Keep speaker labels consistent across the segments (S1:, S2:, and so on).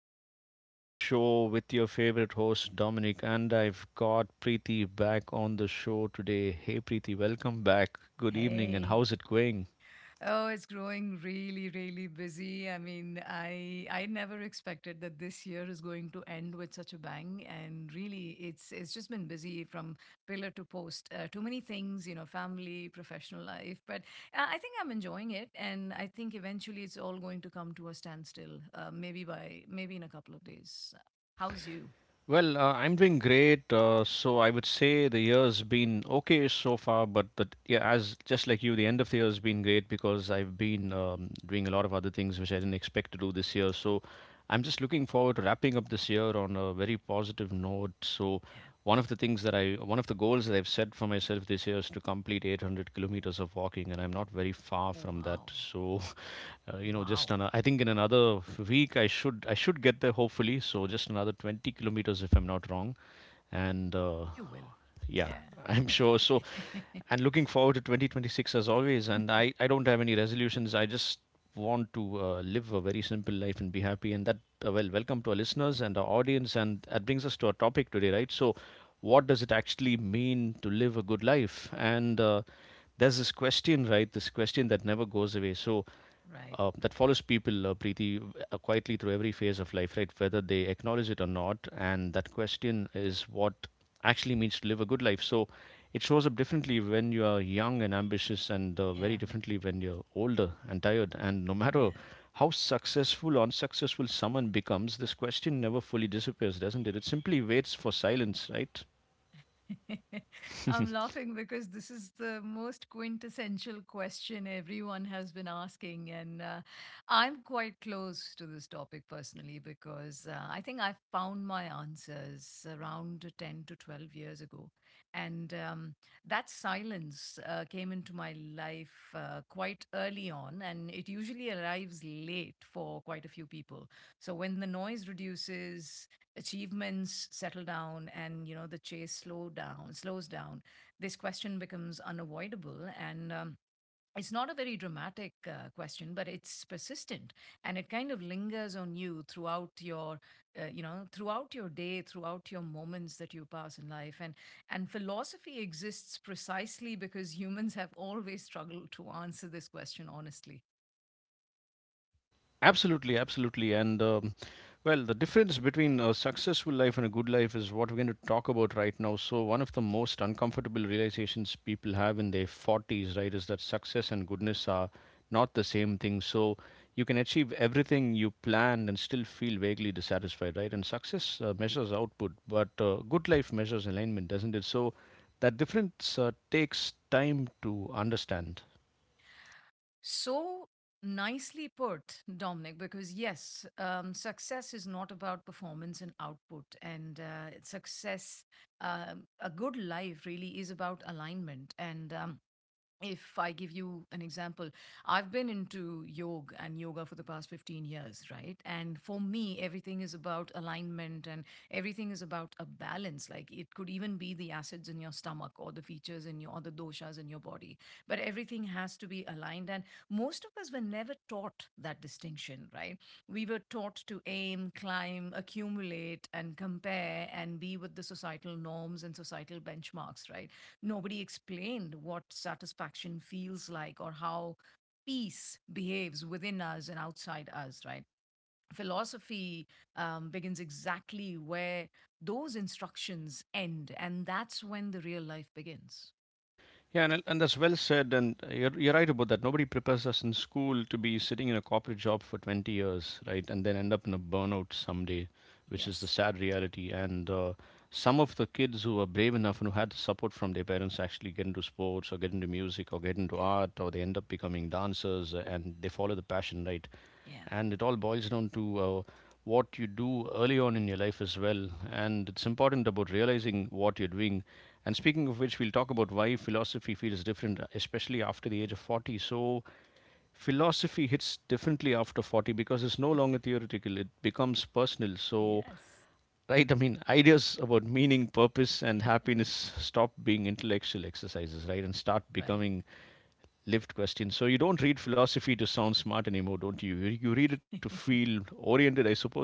S1: to the evening show with your favorite host Dominic, and I've got Preeti back on the show today. Hey Preeti, welcome back. Good evening, and how's it going? Well, I'm doing great. So I would say the year's been okay so far, but yeah, as just like you, the end of the year's been great because I've been doing a lot of other things which I didn't expect to do this year. So I'm just looking forward to wrapping up this year on a very positive note. So one of the goals that I've set for myself this year is to complete 800 kilometers of walking, and I'm not very far from that. So, I think in another week I should get there hopefully. So just another 20 kilometers if I'm not wrong, and yeah, I'm sure. So, and looking forward to 2026 as always. And I don't have any resolutions. I just want to live a very simple life and be happy. And well, welcome to our listeners and our audience. And that brings us to our topic today, right? So, what does it actually mean to live a good life? And there's this question, right? This question that never goes away. So, that follows people, Preeti, quietly through every phase of life, right? Whether they acknowledge it or not. And that question is what actually means to live a good life. So it shows up differently when you are young and ambitious, and very differently when you're older and tired. And no matter how successful or unsuccessful someone becomes, this question never fully disappears, doesn't it? It simply waits for silence, right? Absolutely, absolutely. And Well, the difference between a successful life and a good life is what we're going to talk about right now. So, one of the most uncomfortable realizations people have in their 40s, right, is that success and goodness are not the same thing. So, you can achieve everything you planned and still feel vaguely dissatisfied, right? And success measures output, but good life measures alignment, doesn't it? So, that difference takes time to understand. Yeah, and that's well said. And you're right about that. Nobody prepares us in school to be sitting in a corporate job for 20 years, right? And then end up in a burnout someday, which is the sad reality. And some of the kids who are brave enough and who had the support from their parents actually get into sports or get into music or get into art, or they end up becoming dancers and they follow the passion, right? And it all boils down to what you do early on in your life as well. And it's important about realizing what you're doing. And speaking of which, we'll talk about why philosophy feels different, especially after the age of 40. So, philosophy hits differently after 40 because it's no longer theoretical, it becomes personal. So, right, I mean, ideas about meaning, purpose, and happiness stop being intellectual exercises, right, and start becoming lived question. So you don't read philosophy to sound smart anymore, don't you? You read it to feel oriented, I suppose.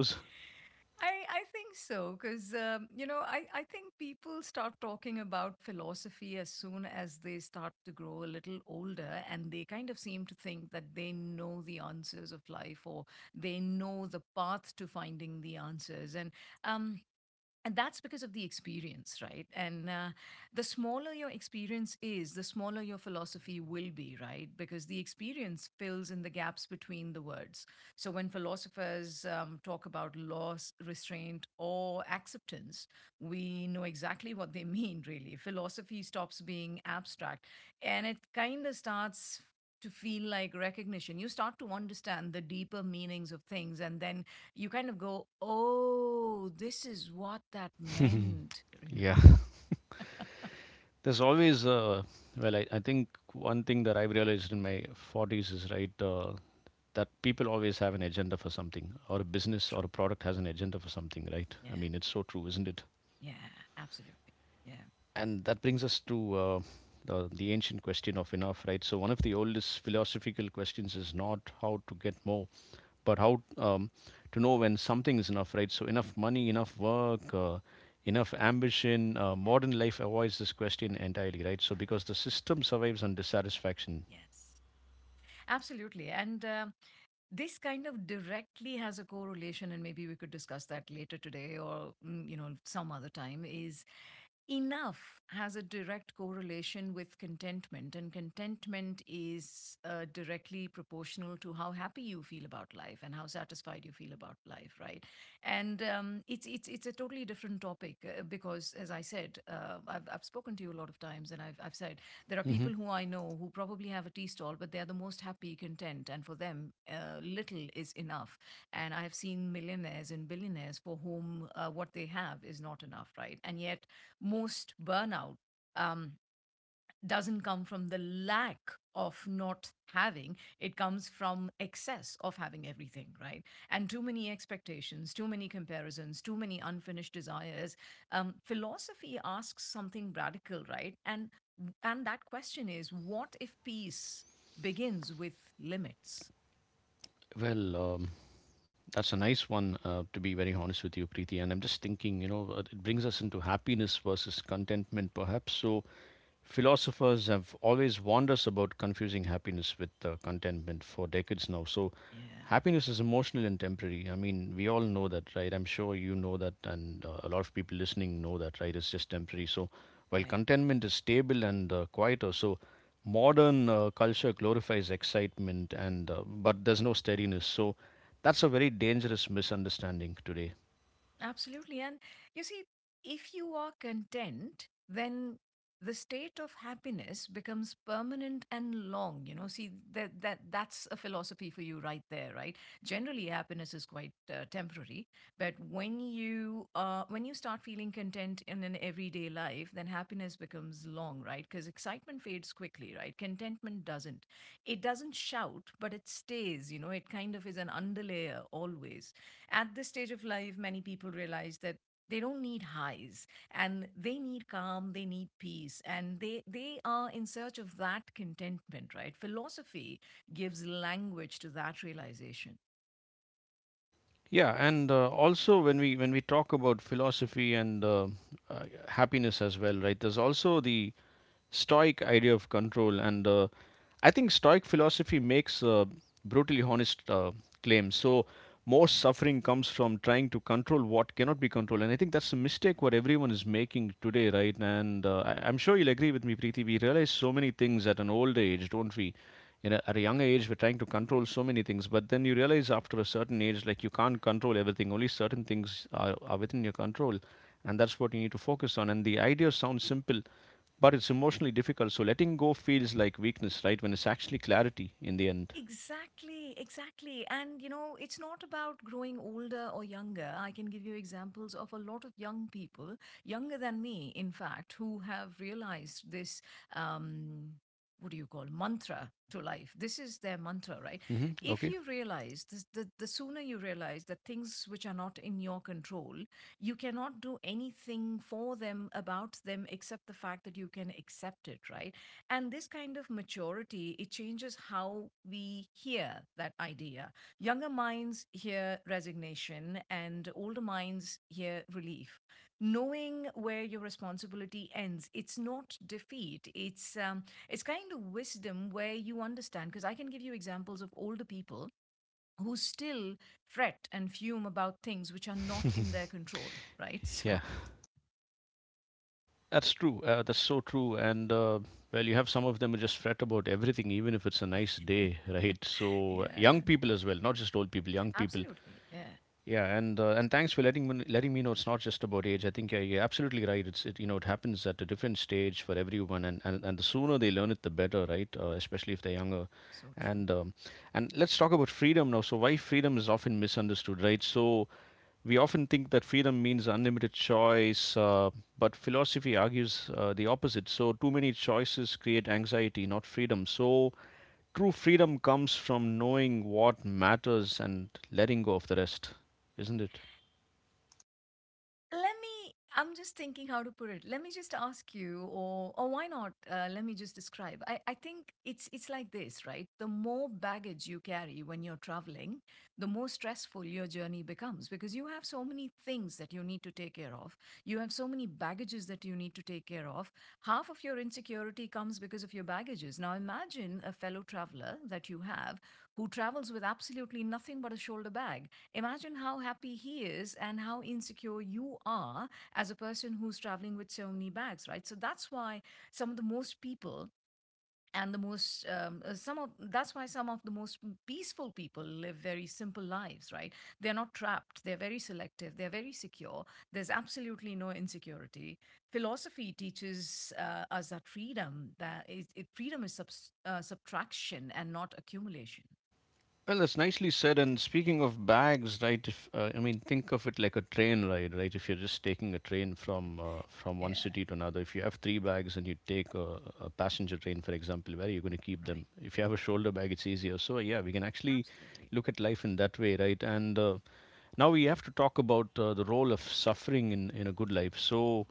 S1: Yeah. There's always, uh, I think one thing that I've realized in my 40s is right that people always have an agenda for something, or a business or a product has an agenda for something, right? I mean, it's so true, isn't it? And that brings us to the ancient question of enough, right? So, one of the oldest philosophical questions is not how to get more, but how to know when something is enough, right? So, enough money, enough work, enough ambition. Modern life avoids this question entirely, right? So, because the system survives on dissatisfaction. Hmm. Well, um, that's a nice one, to be very honest with you, Preeti. And I'm just thinking, you know, it brings us into happiness versus contentment, perhaps. So, philosophers have always warned us about confusing happiness with contentment for decades now. So, happiness is emotional and temporary. I mean, we all know that, right? I'm sure you know that, and a lot of people listening know that, right? It's just temporary. So, while contentment is stable and quieter, so modern culture glorifies excitement, and but there's no steadiness. So, that's a very dangerous misunderstanding today. Yeah, and also when we talk about philosophy and happiness as well, right? There's also the stoic idea of control, and I think stoic philosophy makes brutally honest claims. So most suffering comes from trying to control what cannot be controlled, and I think that's a mistake what everyone is making today, right? And I'm sure you'll agree with me, Preeti, we realize so many things at an old age, don't we? At a younger age we're trying to control so many things, but then you realize after a certain age like you can't control everything, only certain things are within your control, and that's what you need to focus on. And the idea sounds simple, but it's emotionally difficult. So letting go feels like weakness, right? When it's actually clarity in the end. Hmm. Okay. Yeah, that's true. That's so true. And well, you have some of them who just fret about everything, even if it's a nice day, right? So young people as well, not just old people, young people. Yeah, and thanks for letting me know it's not just about age. I think yeah, you're absolutely right. It's it you know it happens at a different stage for everyone, and and the sooner they learn it, the better, right? Especially if they're younger. And um, and let's talk about freedom now. So why freedom is often misunderstood, right? So we often think that freedom means unlimited choice, but philosophy argues the opposite. So too many choices create anxiety, not freedom. So true freedom comes from knowing what matters and letting go of the rest, isn't it? Well, that's nicely said. And speaking of bags, right? If I mean, think of it like a train ride, right? If you're just taking a train from one city to another, if you have three bags and you take a passenger train, for example, where are you going to keep them? If you have a shoulder bag, it's easier. So yeah, we can actually look at life in that way, right? And now we have to talk about the role of suffering in a good life. So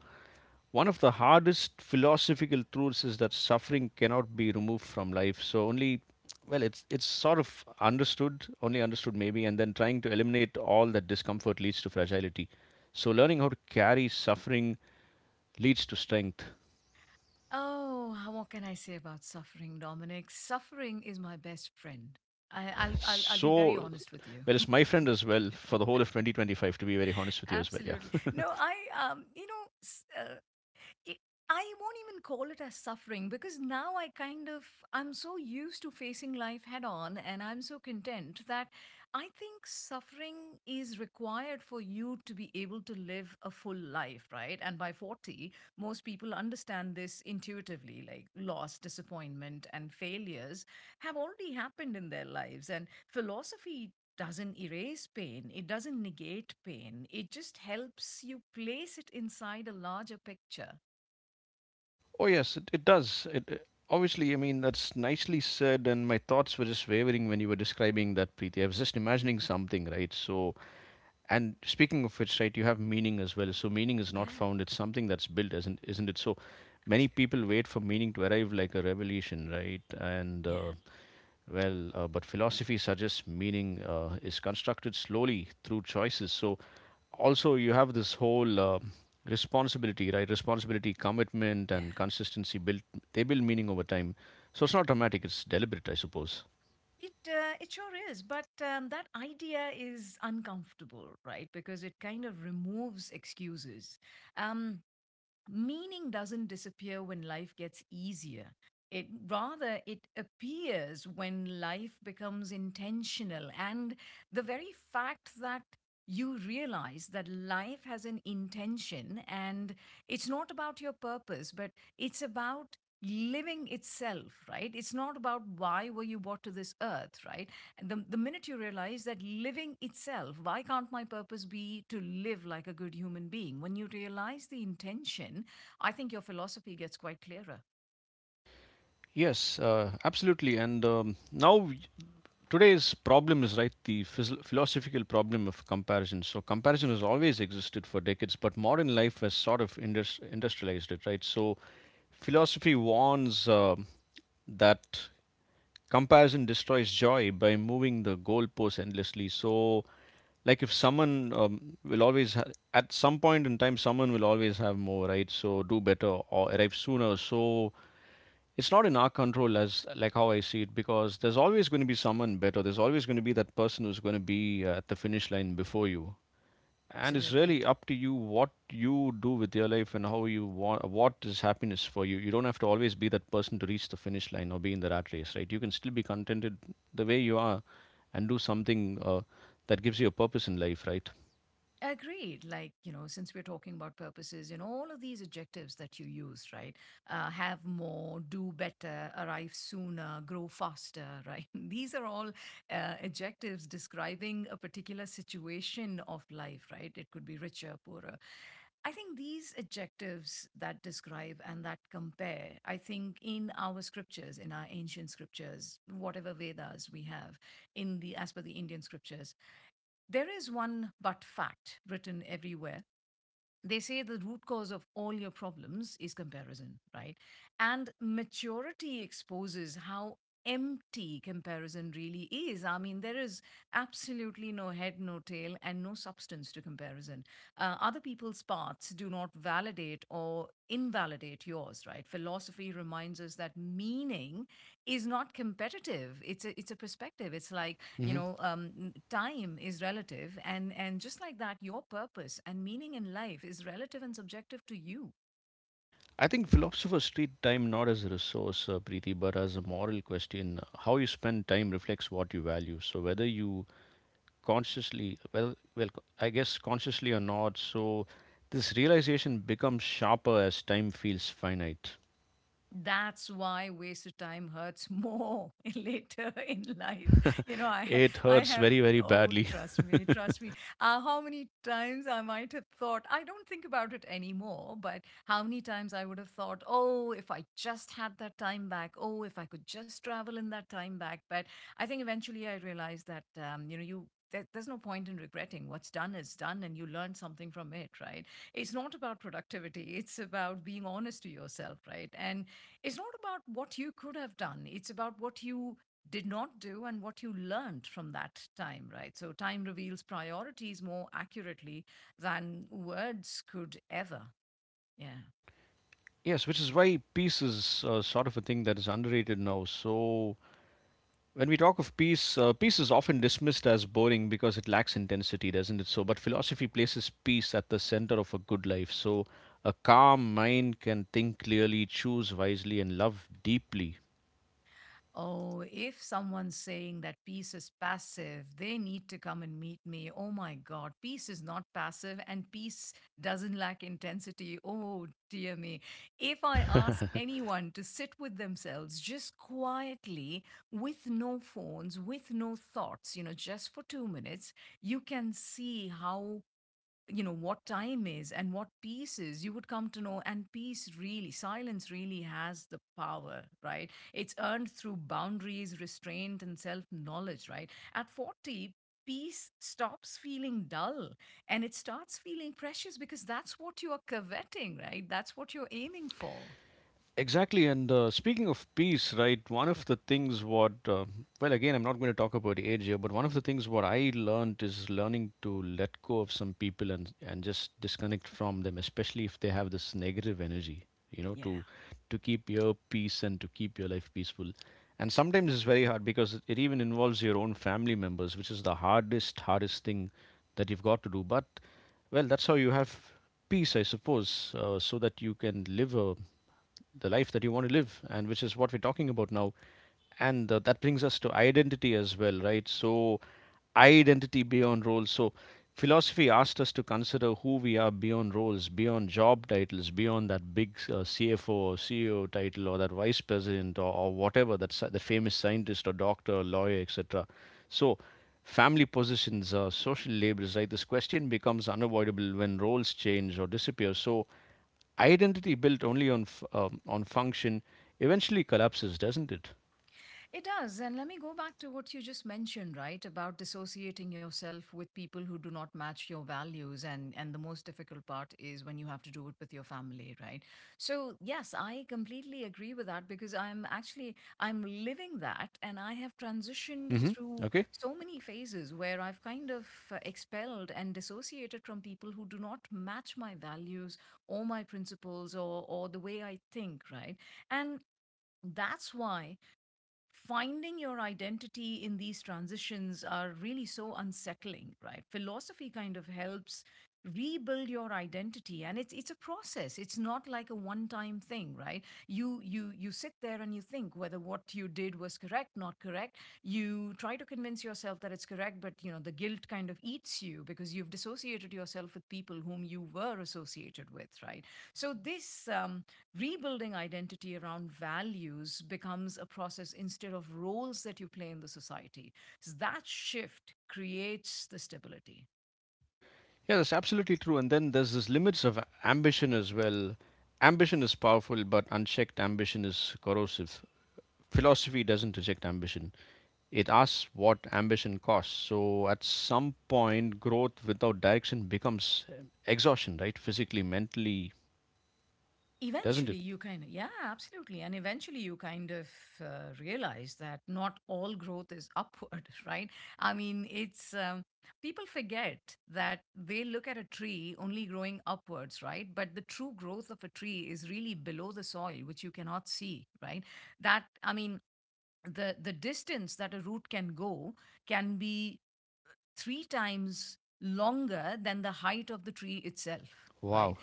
S1: one of the hardest philosophical truths is that suffering cannot be removed from life. So only, well, it's sort of understood, only understood maybe, and then trying to eliminate all that discomfort leads to fragility. So learning how to carry suffering leads to strength. So well, it's my friend as well for the whole of 2025. To be very honest with you as well, yeah. Oh yes, it does. Obviously, I mean, that's nicely said, and my thoughts were just wavering when you were describing that, Preeti. I was just imagining something, right? So, and speaking of which, right, you have meaning as well. So meaning is not found, it's something that's built, isn't it? So many people wait for meaning to arrive like a revelation, right? And but philosophy suggests meaning is constructed slowly through choices. So also you have this whole responsibility, commitment, and consistency built They build meaning over time. So it's not dramatic, it's deliberate, I suppose. Yes, absolutely. And Now today's problem is right the philosophical problem of comparison. So comparison has always existed for decades, but modern life has sort of industrialized it, right? So philosophy warns that comparison destroys joy by moving the goalposts endlessly. So like if someone at some point in time someone will always have more, right? So do better or arrive sooner. So it's not in our control as like how I see it, because there's always going to be someone better. There's always going to be that person who's going to be at the finish line before you. And it's really up to you what you do with your life and how you want what is happiness for you. You don't have to always be that person to reach the finish line or be in the rat race, right? You can still be contented the way you are and do something that gives you a purpose in life, right? Mm-hmm. I think philosophers treat time not as a resource, Preeti, but as a moral question. How you spend time reflects what you value. So whether you consciously, well, well, I guess consciously or not, so this realization becomes sharper as time feels finite. It hurts very, very badly. Yes, which is why peace is sort of a thing that is underrated now. So when we talk of peace, peace is often dismissed as boring because it lacks intensity, doesn't it? So, but philosophy places peace at the center of a good life. So a calm mind can think clearly, choose wisely, and love deeply. Exactly, and speaking of peace, right? One of the things what, well, again, I'm not going to talk about age here, but one of the things what I learned is learning to let go of some people and just disconnect from them, especially if they have this negative energy. You know, to keep your peace and to keep your life peaceful. And sometimes it's very hard because it even involves your own family members, which is the hardest, hardest thing that you've got to do. But well, that's how you have peace, I suppose, so that you can live a, the life that you want to live, and which is what we're talking about now. And that brings us to identity as well, right? So identity beyond roles. So philosophy asked us to consider who we are beyond roles, beyond job titles, beyond that big CFO or CEO title or that vice president or, whatever, that famous scientist or doctor, lawyer, etc. So family positions, social labels, right? This question becomes unavoidable when roles change or disappear. So identity built only on on function eventually collapses, doesn't it? Hmm. Okay. Yeah, that's absolutely true. And then there's this limits of ambition as well. Ambition is powerful, but unchecked ambition is corrosive. Philosophy doesn't reject ambition. It asks what ambition costs. So at some point, growth without direction becomes exhaustion, right? Physically, mentally, doesn't it? Wow.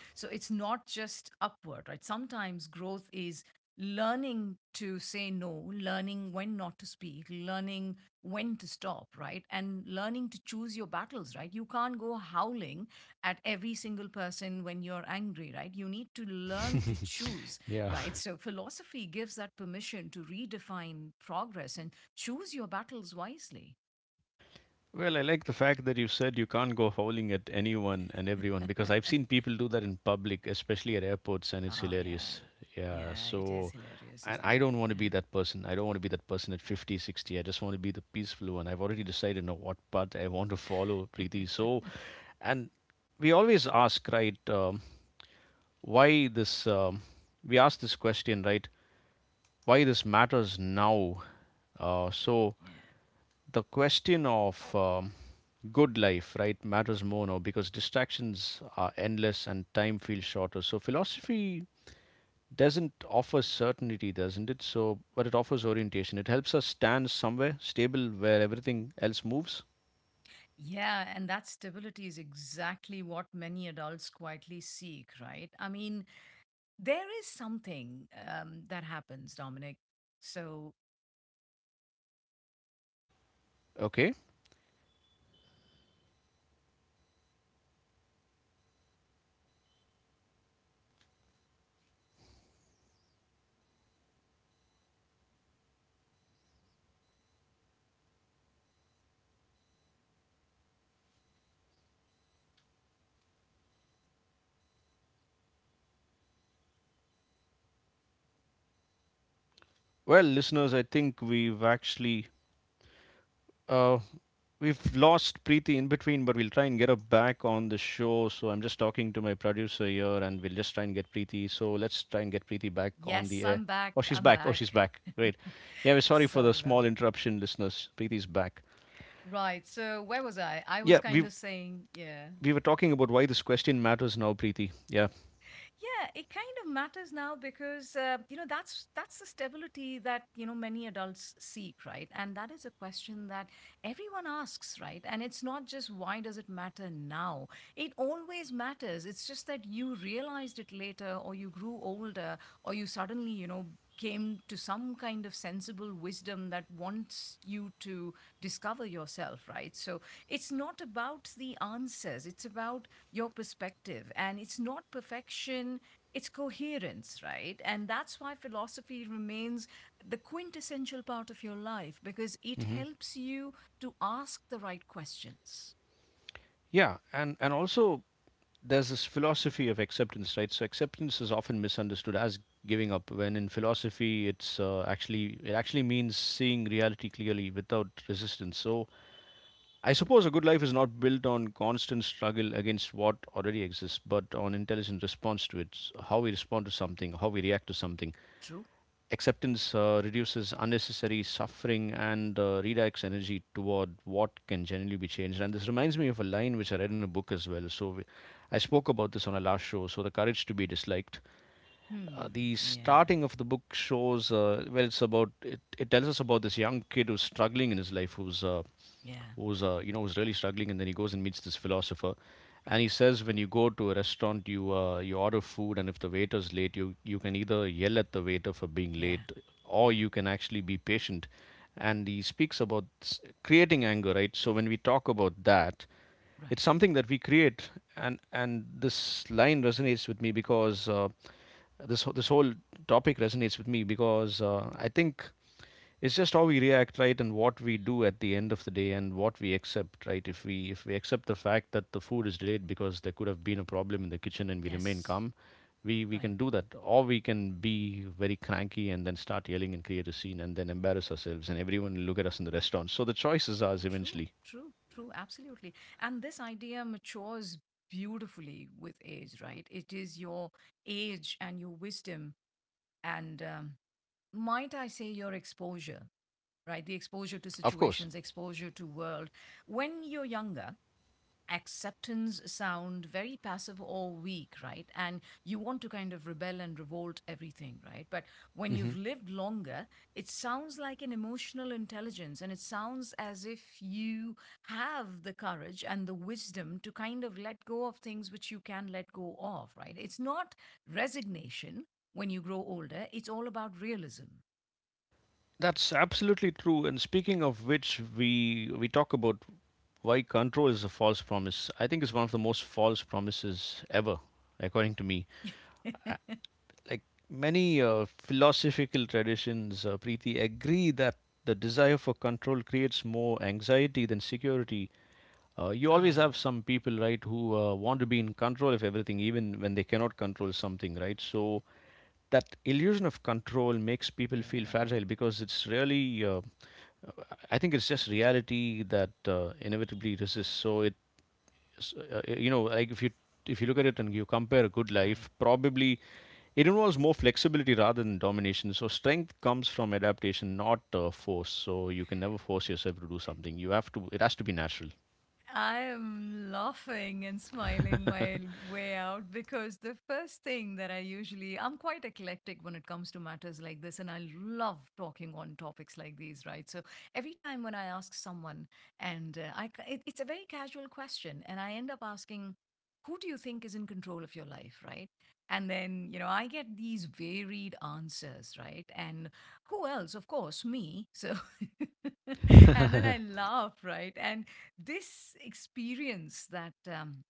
S1: Yeah. Well, I like the fact that you said you can't go howling at anyone and everyone because I've seen people do that in public, especially at airports, and it's hilarious. Yeah. So, and I don't want to be that person. I don't want to be that person at 50, 60. I just want to be the peaceful one. I've already decided now what path I want to follow, Preeti. So, and we always ask, right? Why this we ask this question, right? Why this matters now. So the question of good life, right, matters more now because distractions are endless and time feels shorter. So philosophy doesn't offer certainty, doesn't it? So, but it offers orientation. It helps us stand somewhere stable where everything else moves. Okay. Well, listeners, I think we've actually uh, we've lost Preeti in between, but we'll try and get her back on the show. So I'm just talking to my producer here, and we'll just try and get Preeti. So let's try and get Preeti back on the
S2: Yes,
S1: air.
S2: I'm
S1: Oh,
S2: back.
S1: she's
S2: I'm
S1: back. Oh, she's
S2: back.
S1: back. Great. Yeah, we're sorry for the
S2: Sorry about
S1: small
S2: that.
S1: interruption, listeners. Preeti's back.
S2: Right. So where was I? I
S1: Yeah,
S2: was kind
S1: we
S2: of saying, yeah.
S1: we were talking about why this question matters now, Preeti. Yeah.
S2: Yeah, it kind of matters now because you know that's the stability that you know many adults seek, right? And that is a question that everyone asks, right? And it's not just why does it matter now? It always matters. It's just that you realized it later, or you grew older, or you suddenly you know came to some kind of sensible wisdom that wants you to discover yourself, right? So it's not about the answers. It's about your perspective. And it's not perfection, it's coherence, right? And that's why philosophy remains the quintessential part of your life because it
S1: Hmm.
S2: helps you to ask the right questions.
S1: Yeah, and also there's this philosophy of acceptance, right? So acceptance is often misunderstood as giving up, when in philosophy, it's actually it actually means seeing reality clearly without resistance. So I suppose a good life is not built on constant struggle against what already exists, but on intelligent response to it, how we respond to something, how we react to something.
S2: True?
S1: Acceptance reduces unnecessary suffering and redirects energy toward what can genuinely be changed. And this reminds me of a line which I read in a book as well. I spoke about this on our last show. So the courage to be disliked.
S2: Hmm.
S1: The
S2: Yeah.
S1: starting of the book shows, well, it's about it, it. Tells us about this young kid who's struggling in his life, who's
S2: Yeah.
S1: who's you know, who's really struggling, and then he goes and meets this philosopher, and he
S2: Right.
S1: says when you go to a restaurant, you you order food, and if the waiter's late, you can either yell at the waiter for being
S2: Yeah.
S1: late, or
S2: Yeah.
S1: you can actually be patient. And he speaks about creating anger, right? So when we talk about that,
S2: Right.
S1: it's something that we create, and this line resonates with me because this whole topic resonates with me because I think it's just how we react, right, and what we do at the end of the day and what we accept, right? If we, accept the fact that the food is delayed because there could have been a problem in the kitchen and we remain
S2: Yes.
S1: calm, we
S2: Right.
S1: can do that, or we can be very cranky and then start yelling and create a scene and then embarrass ourselves and everyone will look at us in the restaurant. So the choice is ours
S2: True.
S1: eventually.
S2: True. True. Absolutely. And this idea matures beautifully with age, right? It is your age and your wisdom. And Might I say, your exposure, right? The exposure to
S1: Of course.
S2: situations, exposure to world. When you're younger, acceptance sound very passive or weak, right? And you want to kind of rebel and revolt everything, right? But when you've lived longer, it sounds like an emotional intelligence, and it sounds as if you have the courage and the wisdom to kind of let go of things which you can let go of, right? It's not resignation. When you grow older, it's all about realism.
S1: That's absolutely true. And speaking of which, we talk about why control is a false promise. I think it's one of the most false promises ever, according to me. Like many philosophical traditions, Preeti, agree that the desire for control creates more anxiety than security. You always have
S2: Oh,
S1: some people, right, who want to be in control of everything, even when they cannot control something, right? So that illusion of control makes people feel
S2: yeah.
S1: fragile because it's really, I think it's just reality that inevitably resists. You know, like if you, look at it and you compare a good
S2: Right.
S1: life, probably it involves more flexibility rather than domination. So strength comes from adaptation, not force. So you can never force yourself to do something. You have to. It has to be natural.
S2: I'm laughing and smiling my way out because the first thing that I usually, I'm quite eclectic when it comes to matters like this, and I love talking on topics like these, right? So every time when I ask someone, and it's a very casual question, and I end up asking, who do you think is in control of your life, right? And then, you know, I get these varied answers, right? And who else? Of course, me. So, and then I laugh, right? And this experience that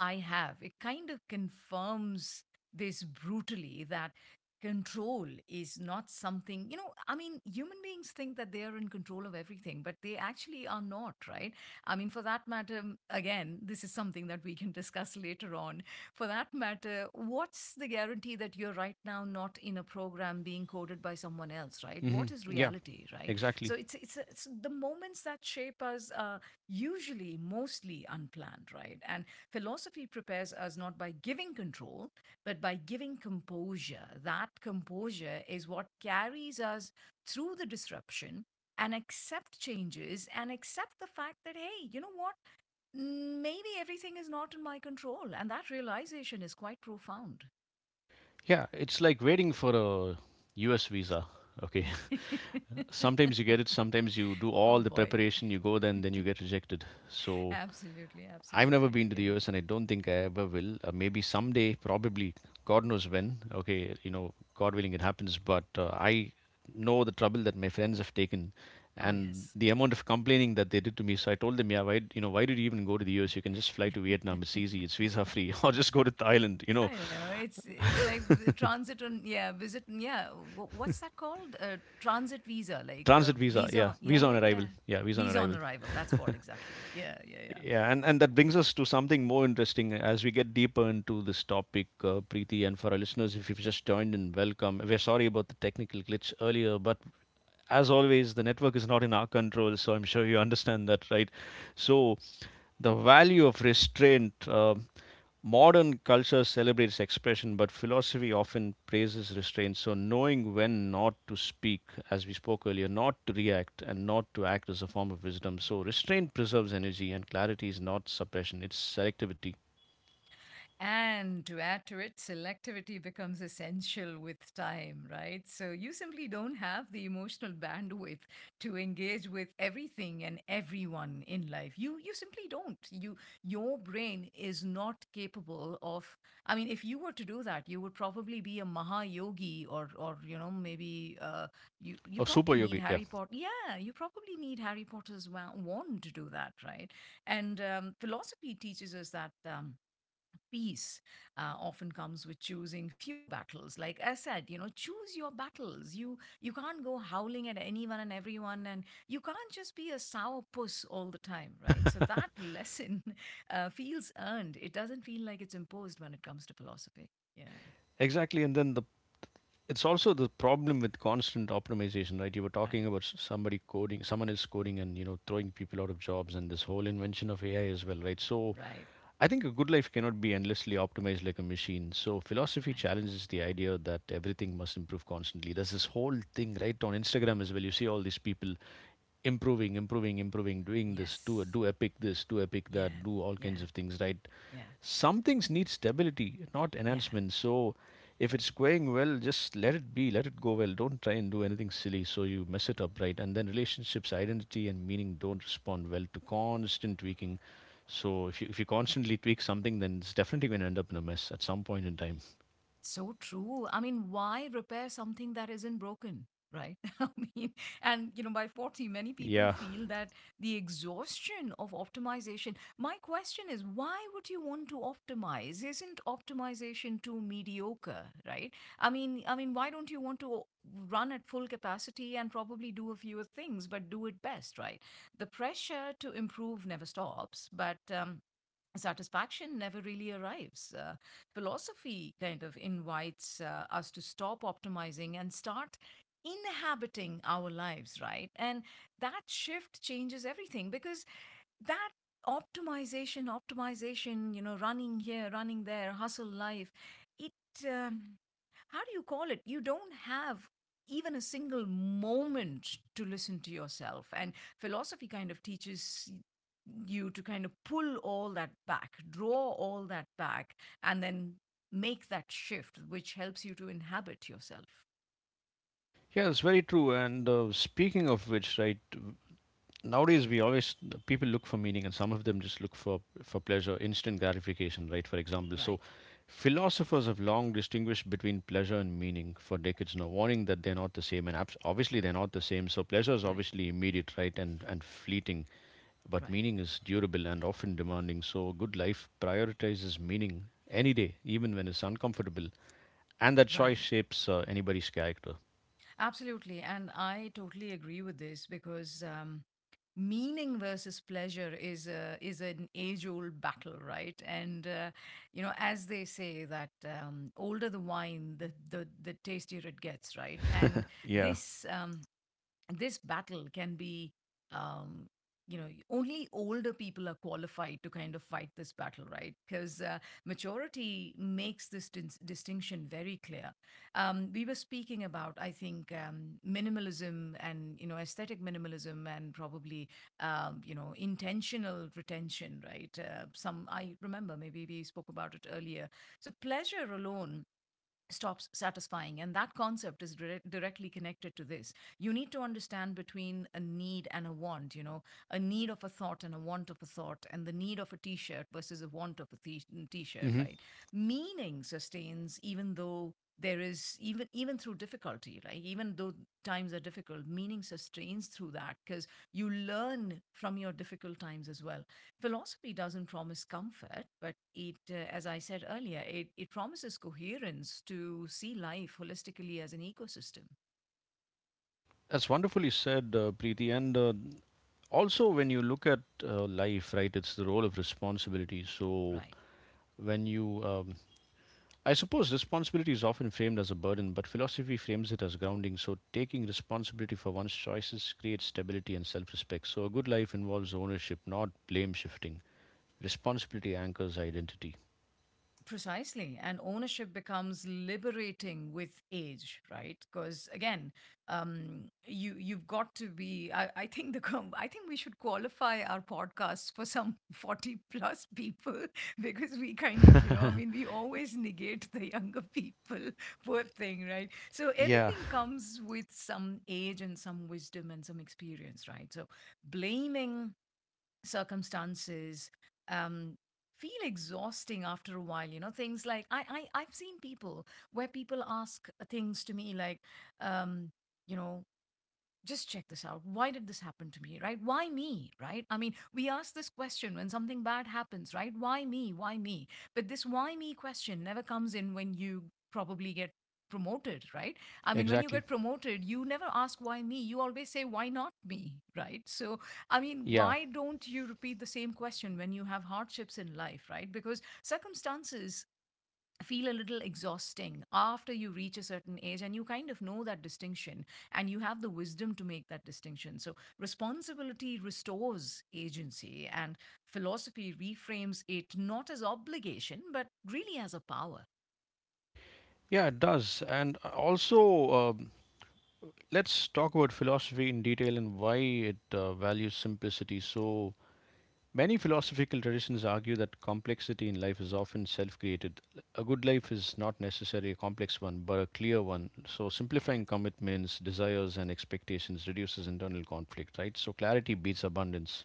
S2: I have. It kind of confirms this brutally that control is not something, you know, I mean, human beings think that they are in control of everything, but they actually are not, right? I mean, for that matter, again, this is something that we can discuss later on. For that matter, what's the guarantee that you're right now not in a program being coded by someone else, right?
S1: Hmm.
S2: What is
S1: Yeah,
S2: reality, right? So
S1: exactly.
S2: it's the moments that shape us are usually mostly unplanned, right? And philosophy prepares us not by giving control, but by giving composure. That composure is what carries us through the disruption and accept changes and accept the fact that, hey, you know what? Maybe everything is not in my control. And that realization is quite profound.
S1: Yeah, it's like waiting for a US visa. Okay. Sometimes you get it, sometimes you do all
S2: Oh,
S1: the
S2: boy.
S1: preparation, you go then you get rejected. So
S2: Absolutely.
S1: I've never
S2: Absolutely.
S1: been to the
S2: Yeah.
S1: US and I don't think I ever will. Maybe someday, probably, God knows when. Okay, you know, God willing, it happens. But I know the trouble that my friends have taken
S2: Oh,
S1: and
S2: yes.
S1: the amount of complaining that they did to me. So I told them, yeah, why, you know, why did you even go to the US? You can just fly to Vietnam. It's easy. It's visa free. Or just go to Thailand, you know,
S2: I know it's like transit on, yeah, visit, yeah, what's that called? Transit visa, like
S1: transit visa.
S2: visa
S1: Yeah,
S2: on, yeah,
S1: visa on
S2: yeah, yeah,
S1: arrival. Yeah, visa on
S2: visa on
S1: arrival.
S2: arrival, that's what exactly, yeah, yeah, yeah.
S1: Yeah, and, that brings us to something more interesting as we get deeper into this topic, Preeti. And for our listeners, if you've just joined in, welcome. We're sorry about the technical glitch earlier, but as always, the network is not in our control, so I'm sure you understand that, right? So the value of restraint. Modern culture celebrates expression, but philosophy often praises restraint. So knowing when not to speak, as we spoke earlier, not to react, and not to act is a form of wisdom. So restraint preserves energy, and clarity is not suppression, it's selectivity.
S2: And to add to it, selectivity becomes essential with time, right? So you simply don't have the emotional bandwidth to engage with everything and everyone in life. You simply don't. You, your brain is not capable of, I mean, if you were to do that, you would probably be a Maha Yogi, or you know, maybe you you
S1: Oh, super
S2: probably need
S1: yogi, yeah.
S2: Harry Potter. Yeah, you probably need Harry Potter's wand to do that, right? And Philosophy teaches us that peace often comes with choosing fewer battles, like I said, you know, choose your battles. You can't go howling at anyone and everyone, and you can't just be a sour puss all the time, right? So that lesson feels earned. It doesn't feel like it's imposed when it comes to philosophy. Yeah.
S1: Exactly, and then the it's also the problem with constant optimization, right? You were talking
S2: Right.
S1: about somebody coding, someone is coding, and you know throwing people out of jobs, and this whole invention of AI as well, right? So
S2: Right.
S1: I think a good life cannot be endlessly optimized like a machine. So philosophy
S2: Right.
S1: challenges the idea that everything must improve constantly. There's this whole thing right on Instagram as well. You see all these people improving, improving, improving, doing this,
S2: Yes.
S1: do epic this, do epic that,
S2: Yeah.
S1: do all
S2: Yeah.
S1: kinds of things, right?
S2: Yeah.
S1: Some things need stability, not
S2: Yeah.
S1: enhancement. So if it's going well, just let it be, let it go well. Don't try and do anything silly so you mess it up, right? And then relationships, identity, and meaning don't respond well to constant tweaking. So if you, constantly tweak something, then it's definitely going to end up in a mess at some point in time.
S2: So true. I mean, why repair something that isn't broken? Right. I mean, and you know, by 40, many people
S1: Yeah,
S2: feel that the exhaustion of optimization. My question is, why would you want to optimize? Isn't optimization too mediocre, right? I mean, why don't you want to run at full capacity and probably do a few things, but do it best, right? The pressure to improve never stops, but satisfaction never really arrives. Philosophy kind of invites us to stop optimizing and start inhabiting our lives, right? And that shift changes everything because that optimization, optimization, you know, running here, running there, hustle life, it, um, how do you call it? You don't have even a single moment to listen to yourself. And philosophy kind of teaches you to kind of pull all that back, draw all that back, and then make that shift, which helps you to inhabit yourself.
S1: yeah, it's very true. And Speaking of which, right, nowadays we always people look for meaning, and some of them just look for pleasure, instant gratification, right? For example. So
S2: Right,
S1: philosophers have long distinguished between pleasure and meaning for decades now, warning that they're not the same. And obviously they're not the same. So pleasure is
S2: right,
S1: obviously immediate, right, and fleeting, but
S2: right,
S1: meaning is durable and often demanding. So good life prioritizes meaning any day, even when it's uncomfortable. And that
S2: right.
S1: choice shapes anybody's character.
S2: Absolutely. And I totally agree with this because. Meaning versus pleasure is is an age old battle, right? and you know, as they say that older the wine, the tastier it gets, right? And
S1: Yeah.
S2: this um, this battle can be um, you know, only older people are qualified to kind of fight this battle, right? Because maturity makes this distinction very clear. We were speaking about, I think, minimalism and you know, aesthetic minimalism, and probably you know, intentional retention, right? Some, I remember, maybe we spoke about it earlier. So pleasure alone stops satisfying, and that concept is directly connected to this. You need to understand between a need and a want, you know, a need of a thought and a want of a thought, and the need of a t-shirt versus a want of a t-shirt,
S1: Hmm.
S2: right? Meaning sustains even though there is, even even through difficulty, like even though times are difficult, meaning sustains through that because you learn from your difficult times as well. Philosophy doesn't promise comfort, but it as I said earlier, it promises coherence to see life holistically as an ecosystem.
S1: That's wonderfully said, Preeti. And Also, when you look at life, right, it's the role of responsibility. So
S2: Right.
S1: when you I suppose responsibility is often framed as a burden, but philosophy frames it as grounding. So taking responsibility for one's choices creates stability and self-respect. So a good life involves ownership, not blame shifting. Responsibility anchors identity.
S2: Precisely. And ownership becomes liberating with age, right? Because again, you've got to be. I think the I think we should qualify our podcasts for some 40 plus people because we kind of, you know, I mean, we always negate the younger people, poor thing, right? So
S1: Yeah.
S2: everything comes with some age and some wisdom and some experience, right? So blaming circumstances um, feel exhausting after a while, you know, things like I I've seen people where people ask things to me like um you know, just check this out. Why did this happen to me, right? Why me, right? I mean, we ask this question when something bad happens, right? Why me? Why me? But this why me question never comes in when you probably get promoted, right? I mean, when you
S1: Exactly.
S2: get promoted, you never ask why me. You always say, why not me, right? So, I mean,
S1: Yeah.
S2: why don't you repeat the same question when you have hardships in life, right? Because circumstances feel a little exhausting after you reach a certain age, and you kind of know that distinction, and you have the wisdom to make that distinction. So responsibility restores agency, and philosophy reframes it not as obligation but really as a power.
S1: Yeah, it does. And also um, let's talk about philosophy in detail and why it values simplicity. So many philosophical traditions argue that complexity in life is often self created. A good life is not necessarily a complex one, but a clear one. So,
S2: Yeah.
S1: simplifying commitments, desires, and expectations reduces internal conflict, right? So, clarity beats abundance.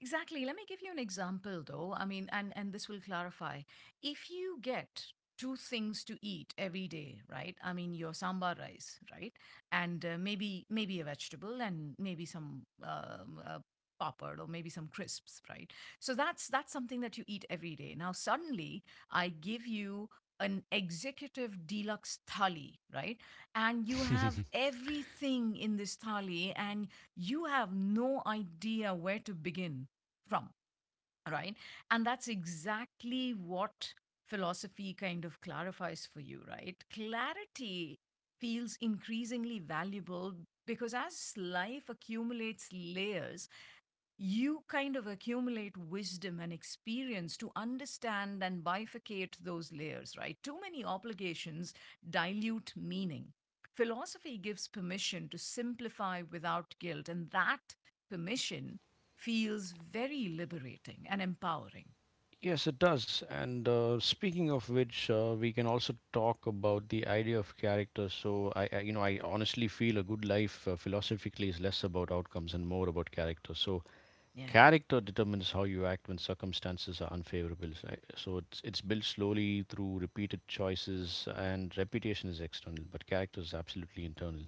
S2: Exactly. Let me give you an example though. I mean, and this will clarify. If you get two things to eat every day, right? I mean, your sambar rice, right? And maybe a vegetable, and maybe some Popper, or maybe some crisps, right? So that's something that you eat every day. Now suddenly I give you an executive deluxe thali, right? And you have everything in this thali, and you have no idea where to begin from, right? And that's exactly what philosophy kind of clarifies for you, right? Clarity feels increasingly valuable because as life accumulates layers, you kind of accumulate wisdom and experience to understand and bifurcate those layers, right? Too many obligations dilute meaning. Philosophy gives permission to simplify without guilt, and that permission feels very liberating and empowering.
S1: Yes, it does. And speaking of which, we can also talk about the idea of character. So, I you know, I honestly feel a good life philosophically is less about outcomes and more about character. So,
S2: Yeah.
S1: character determines how you act when circumstances are unfavorable. So, it's built slowly through repeated choices, and reputation is external, but character is absolutely internal.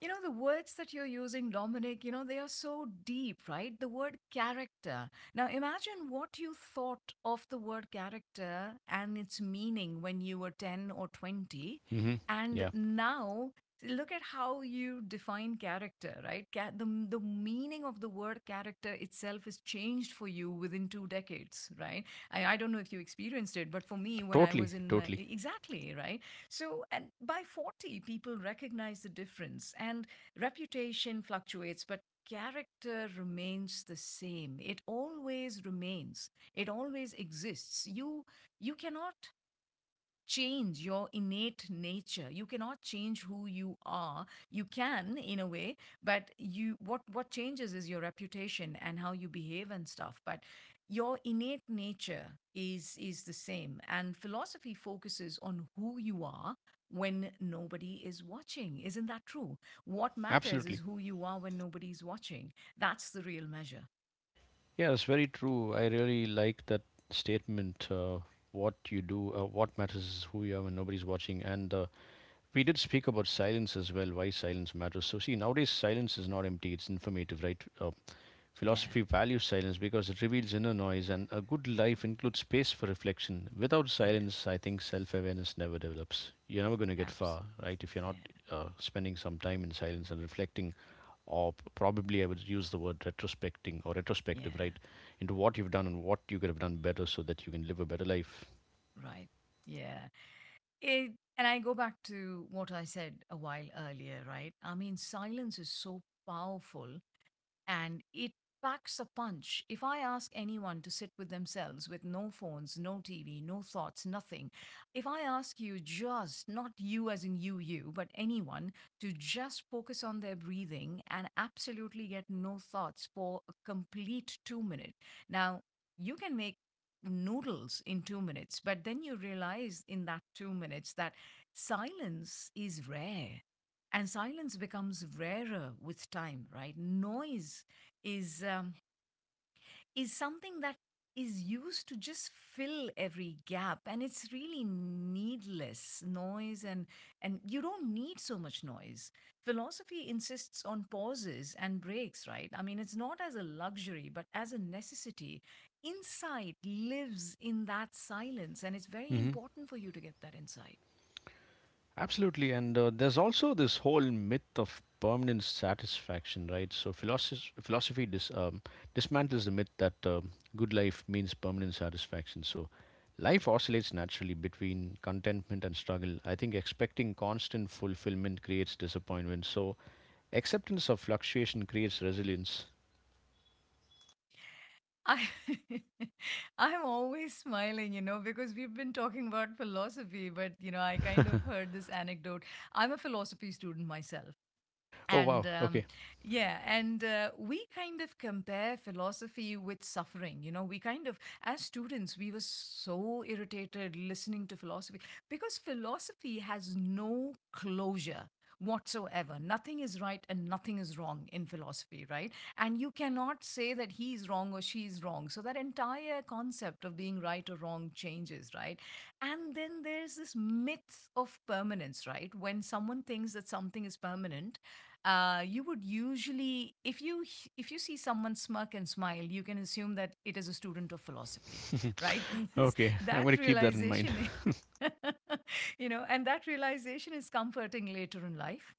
S2: You know, the words that you're using, Dominic, you know, they are so deep, right? The word character. Now, imagine what you thought of the word character and its meaning when you were 10 or 20.
S1: Hmm.
S2: And
S1: Yeah,
S2: now, look at how you define character, right? The meaning of the word character itself is changed for you within two decades, right? I don't know if you experienced it, but for me, when I
S1: totally,
S2: was in my,
S1: totally,
S2: exactly, right? So, and by 40, people recognize the difference, and reputation fluctuates, but character remains the same. It always remains, it always exists. You cannot change your innate nature. You cannot change who you are. You can, in a way, but you what changes is your reputation and how you behave and stuff. But your innate nature is the same, and philosophy focuses on who you are when nobody is watching. Isn't that true? What matters is
S1: absolutely.
S2: who you are when nobody's watching. That's the real measure.
S1: Yeah, that's very true. I really like that statement. What you do, what matters is who you are when nobody's watching. And We did speak about silence as well, why silence matters. So, see, nowadays silence is not empty, it's informative, right?
S2: Yeah,
S1: Philosophy values silence because it reveals inner noise, and a good life includes space for reflection. Without
S2: yeah,
S1: silence, I think self awareness never develops. You're never going to get
S2: abs
S1: far, right? If you're not
S2: yeah,
S1: spending some time in silence and reflecting, or probably I would use the word retrospecting or retrospective,
S2: yeah,
S1: right? Into what you've done and what you could have done better so that you can live a better life.
S2: right, yeah. It, and I go back to what I said a while earlier, right? I mean, silence is so powerful, and it packs a punch. If I ask anyone to sit with themselves with no phones, no TV, no thoughts, nothing, if I ask you, just not you as in you, you, but anyone, to just focus on their breathing and absolutely get no thoughts for a complete 2 minutes. Now, you can make noodles in 2 minutes, but then you realize in that 2 minutes that silence is rare, and silence becomes rarer with time, right? Noise is um, is something that is used to just fill every gap, and it's really needless noise, and you don't need so much noise. Philosophy insists on pauses and breaks, right? I mean, it's not as a luxury but as a necessity. Insight lives in that silence, and it's very
S1: Hmm.
S2: important for you to get that insight.
S1: Absolutely, and there's also this whole myth of permanent satisfaction, right? So philosophy dismantles the myth that good life means permanent satisfaction. So life oscillates naturally between contentment and struggle. I think expecting constant fulfillment creates disappointment. So acceptance of fluctuation creates resilience.
S2: I I'm always smiling, you know, because we've been talking about philosophy, but you know, I kind of heard this anecdote. I'm a philosophy student myself,
S1: Oh
S2: and
S1: wow, okay.
S2: yeah, and we kind of compare philosophy with suffering, you know. We kind of, as students, we were so irritated listening to philosophy because philosophy has no closure whatsoever. Nothing is right and nothing is wrong in philosophy, right? And you cannot say that he's wrong or she's wrong, so that entire concept of being right or wrong changes, right? And then there's this myth of permanence, right? When someone thinks that something is permanent, you would usually, if you if you see someone smirk and smile, you can assume that it is a student of philosophy. Right, because
S1: Okay, I'm going
S2: that
S1: to keep that in mind.
S2: realization i- you know, and that realization is comforting later in life.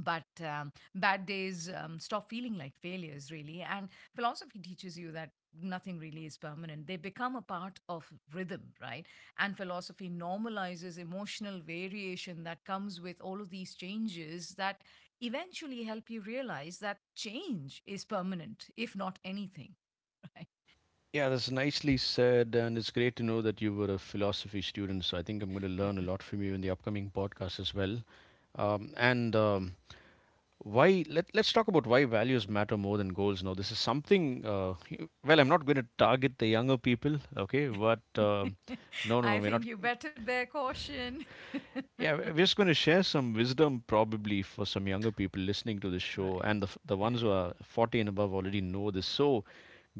S2: But bad days stop feeling like failures really, and philosophy teaches you that nothing really is permanent. They become a part of rhythm, right? And philosophy normalizes emotional variation that comes with all of these changes, that eventually help you realize that change is permanent, if not anything.
S1: Yeah, that's nicely said, and it's great to know that you were a philosophy student. So I think I'm going to learn a lot from you in the upcoming podcast as well. And Why? Let's talk about why values matter more than goals. Now, this is something. You- well, I'm not going to target the younger people, okay? But um,
S2: Right,
S1: no, no, no,
S2: I
S1: we're not.
S2: think you better bear caution.
S1: Yeah, we're just going to share some wisdom probably for some younger people listening to this show,
S2: Right,
S1: and the the
S2: yeah.
S1: ones who are 40 and above already know this. So,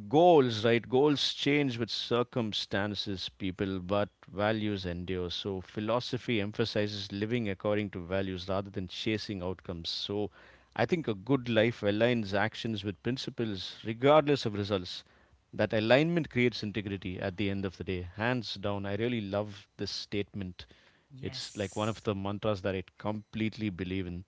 S1: goals, right? Goals change with circumstances, people, but values endure. So, philosophy emphasizes living according to values rather than chasing outcomes. So, I think a good life aligns actions with principles, regardless of results. That alignment creates integrity at the end of the day, hands down. I really love this statement. It's like one of
S2: Yes,
S1: the mantras that I completely believe in.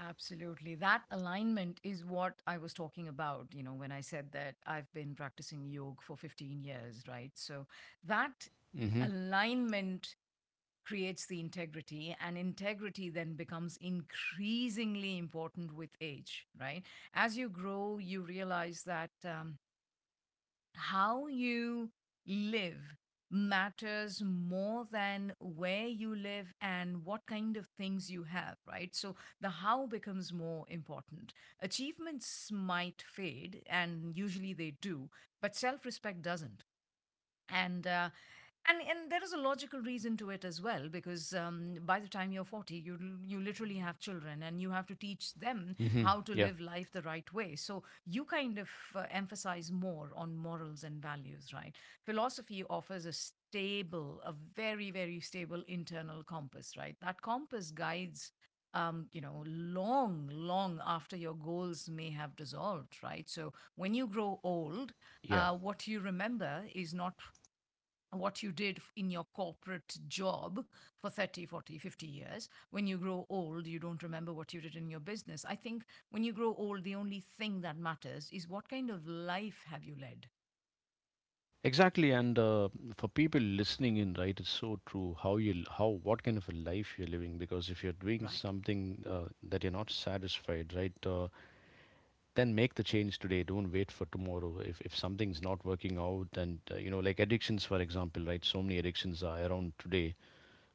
S2: absolutely. That alignment is what I was talking about, you know, when I said that I've been practicing yoga for 15 years, right? So that
S1: Mm-hmm.
S2: alignment creates the integrity, and integrity then becomes increasingly important with age, right? As you grow, you realize that. How you live matters more than where you live and what kind of things you have, right? So the how becomes more important. Achievements might fade, and usually they do, but self respect doesn't. and uh, and there is a logical reason to it as well, because by the time you're 40, you you literally have children, and you have to teach them
S1: Mm-hmm.
S2: how to
S1: Yeah.
S2: live life the right way. So you kind of emphasize more on morals and values, right? Philosophy offers a stable, a very very stable internal compass, right? That compass guides, you know, long, long after your goals may have dissolved, right? So when you grow old,
S1: Yeah.
S2: what you remember is not what you did in your corporate job for 30, 40, 50 years. When you grow old, you don't remember what you did in your business. I think when you grow old, the only thing that matters is what kind of life have you led.
S1: Exactly, and for people listening in, right, it's so true how you how what kind of a life you're living. Because if you're doing
S2: Right,
S1: something that you're not satisfied, right, then make the change today. Don't wait for tomorrow. If something's not working out, and you know, like addictions, for example, right, so many addictions are around today.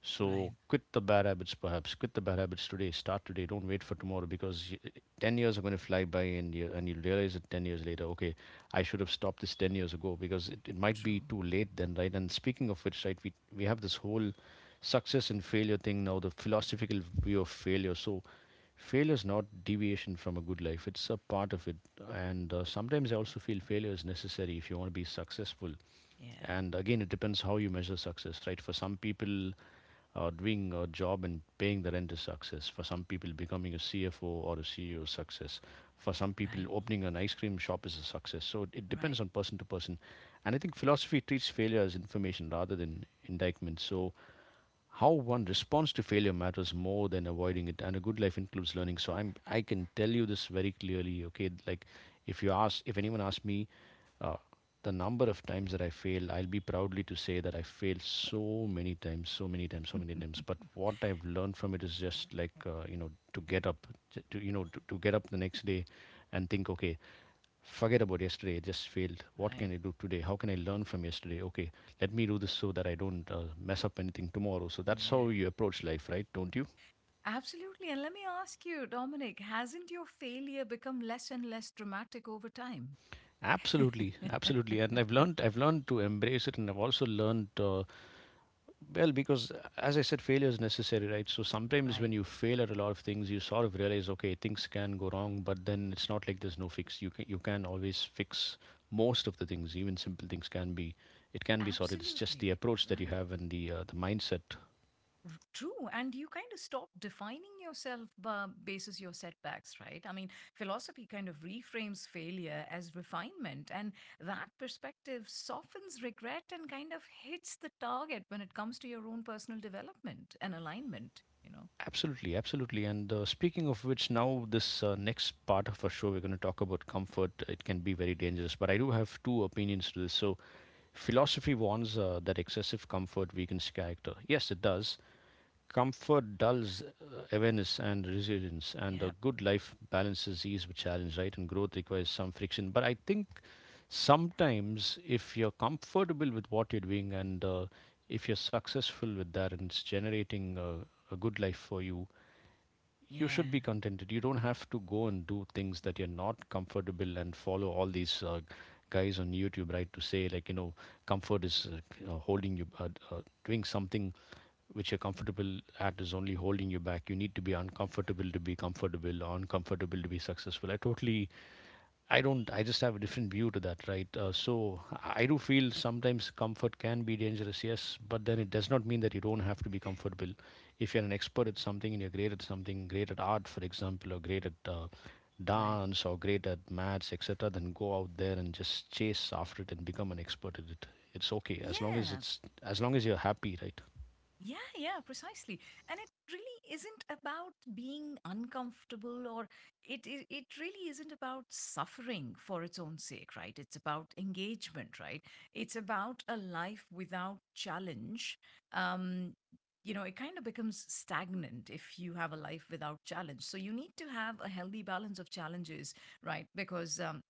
S1: So
S2: right,
S1: quit the bad habits, perhaps. Quit the bad habits today. Start today. Don't wait for tomorrow because 10 years are going to fly by and, and you'll realize it 10 years later. Okay, I should have stopped this 10 years ago because it might be
S2: true.
S1: too late then, right? And speaking of which, right, we have this whole success and failure thing now, the philosophical view of failure. So failure is not deviation from a good life, it's a part of it. And sometimes I also feel failure is necessary if you want to be successful.
S2: Yeah,
S1: And again, it depends how you measure success, right? For some people, doing a job and paying the rent is success. For some people, becoming a CFO or a CEO is success. For some people,
S2: right,
S1: opening an ice cream shop is a success. So it
S2: right,
S1: depends on person to person. And I think philosophy treats failure as information rather than indictment. So how one responds to failure matters more than avoiding it, and a good life includes learning. So I can tell you this very clearly, okay, like if you ask, if anyone asks me, uh, the number of times that I failed, I'll be proudly to say that I failed so many times, so many times, so many times. But what I've learned from it is just like, you know, to get up, to you know, to get up the next day and think, okay, forget about yesterday, it just failed. What
S2: right,
S1: can I do today? How can I learn from yesterday? Okay, let me do this so that I don't mess up anything tomorrow. So that's how
S2: yeah.
S1: you approach life, right, don't you?
S2: Absolutely. And let me ask you, Dominic, hasn't your failure become less and less dramatic over time?
S1: Absolutely, absolutely. And I've learned to embrace it, and I've also learned, well, because as I said, failure is necessary, right? So sometimes when
S2: Right,
S1: you fail at a lot of things, you sort of realize, okay, things can go wrong, but then it's not like there's no fix. You can always fix most of the things. Even simple things can be, it can be sorted. It's just
S2: absolutely,
S1: the approach that you
S2: right.
S1: have and the mindset.
S2: True, and you kind of stop defining yourself basis your setbacks, right? I mean, philosophy kind of reframes failure as refinement, and that perspective softens regret and kind of hits the target when it comes to your own personal development and alignment. You know?
S1: Absolutely, absolutely. And speaking of which, now this next part of our show, we're going to talk about comfort. It can be very dangerous, but I do have two opinions to this. So, philosophy warns that excessive comfort weakens character. Yes, it does. Comfort dulls awareness and resilience, and
S2: Yeah.
S1: a good life balances ease with challenge, right? And growth requires some friction. But I think sometimes if you're comfortable with what you're doing, and if you're successful with that and it's generating a good life for you, you
S2: Yeah.
S1: should be contented. You don't have to go and do things that you're not comfortable and follow all these guys on YouTube, right? To say like, you know, comfort is holding you, doing something which you're comfortable at is only holding you back. You need to be uncomfortable to be comfortable, or uncomfortable to be successful. I don't. I just have a different view to that, right? So I do feel sometimes comfort can be dangerous, yes, but then it does not mean that you don't have to be comfortable. If you're an expert at something and you're great at something, great at art, for example, or great at
S2: Right.
S1: dance, or great at maths, etc., then go out there and just chase after it and become an expert at it. It's okay as long as
S2: Yeah.
S1: it's as long as you're happy, right?
S2: Yeah, yeah, precisely. And it really isn't about being uncomfortable, or it really isn't about suffering for its own sake, right? It's about engagement, right? It's about a life without challenge. Um, you know, it kind of becomes stagnant if you have a life without challenge. So you need to have a healthy balance of challenges, right? Because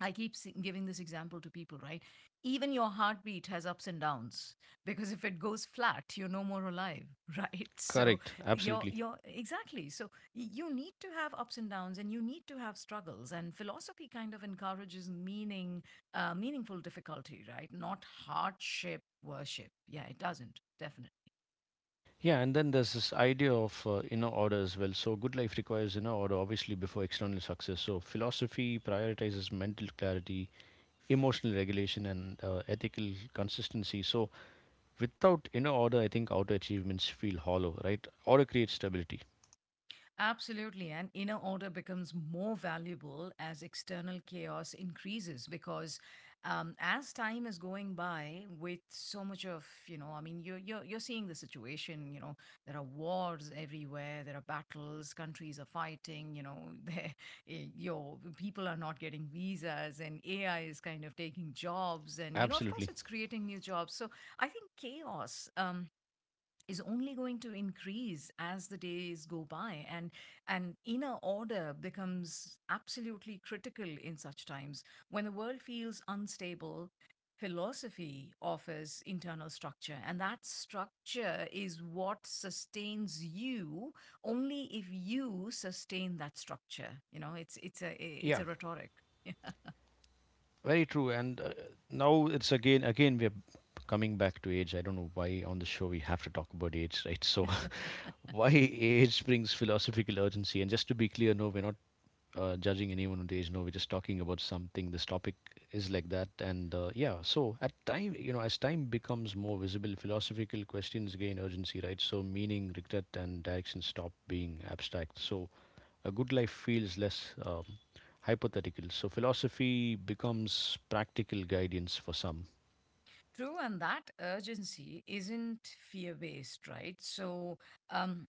S2: I keep giving this example to people, right? Even your heartbeat has ups and downs, because if it goes flat, you're no more alive, right? So
S1: Correct.
S2: you're
S1: Absolutely.
S2: you're exactly. So you need to have ups and downs, and you need to have struggles. And philosophy kind of encourages meaning, meaningful difficulty, right? Not hardship worship. Yeah, it doesn't, definitely.
S1: Yeah, and then there's this idea of inner order as well. So, good life requires inner order, obviously, before external success. So, philosophy prioritizes mental clarity, emotional regulation, and ethical consistency. So, without inner order, I think outer achievements feel hollow, right? Order creates stability.
S2: Absolutely. And inner order becomes more valuable as external chaos increases, because as time is going by with so much of, you know, I mean, you're seeing the situation, you know, there are wars everywhere, there are battles, countries are fighting, you know, there- your people are not getting visas, and AI is kind of taking jobs. And, you know, of course,
S1: Absolutely.
S2: it's creating new jobs. So I think chaos is only going to increase as the days go by, and inner order becomes absolutely critical in such times. When the world feels unstable, philosophy offers internal structure, and that structure is what sustains you, only if you sustain that structure. You know, it's a it's
S1: Yeah,
S2: a rhetoric.
S1: very true. And now it's again, we're coming back to age. I don't know why on the show we have to talk about age, right? So, why age brings philosophical urgency. And just to be clear, no, we're not judging anyone on age. No, we're just talking about something. This topic is like that, and yeah. So at time, you know, as time becomes more visible, philosophical questions gain urgency, right? So meaning, regret, and direction stop being abstract. So a good life feels less hypothetical. So philosophy becomes practical guidance for some.
S2: True, and that urgency isn't fear based, right? So um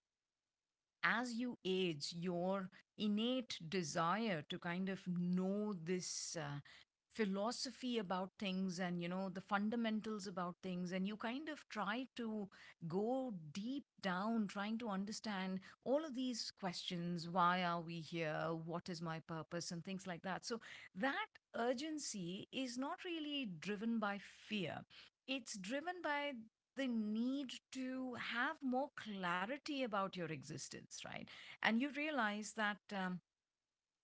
S2: as you age, your innate desire to kind of know this philosophy about things and, you know, the fundamentals about things, and you kind of try to go deep down, trying to understand all of these questions. Why are we here? What is my purpose? And things like that. So that urgency is not really driven by fear. It's driven by the need to have more clarity about your existence, right? And you realize that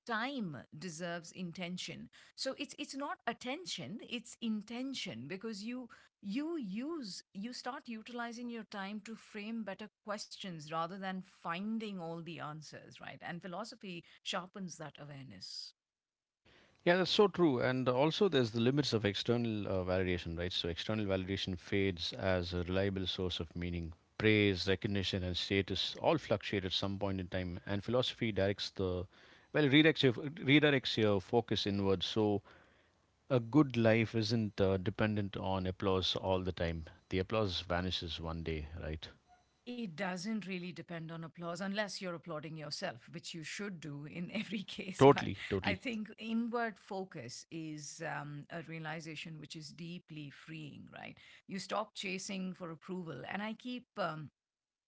S2: time deserves intention. So it's not attention, it's intention, because you use you start utilizing your time to frame better questions rather than finding all the answers, right? And philosophy sharpens that awareness.
S1: Yeah, that's so true. And also, there's the limits of external validation, right? So, external validation fades as a reliable source of meaning. Praise, recognition, and status all fluctuate at some point in time. And philosophy well, redirects your focus inward. So, a good life isn't dependent on applause all the time. The applause vanishes one day, right?
S2: It doesn't really depend on applause, unless you're applauding yourself, which you should do in every case. But
S1: Totally,
S2: I
S1: totally.
S2: think inward focus is a realization which is deeply freeing, right? You stop chasing for approval. And I keep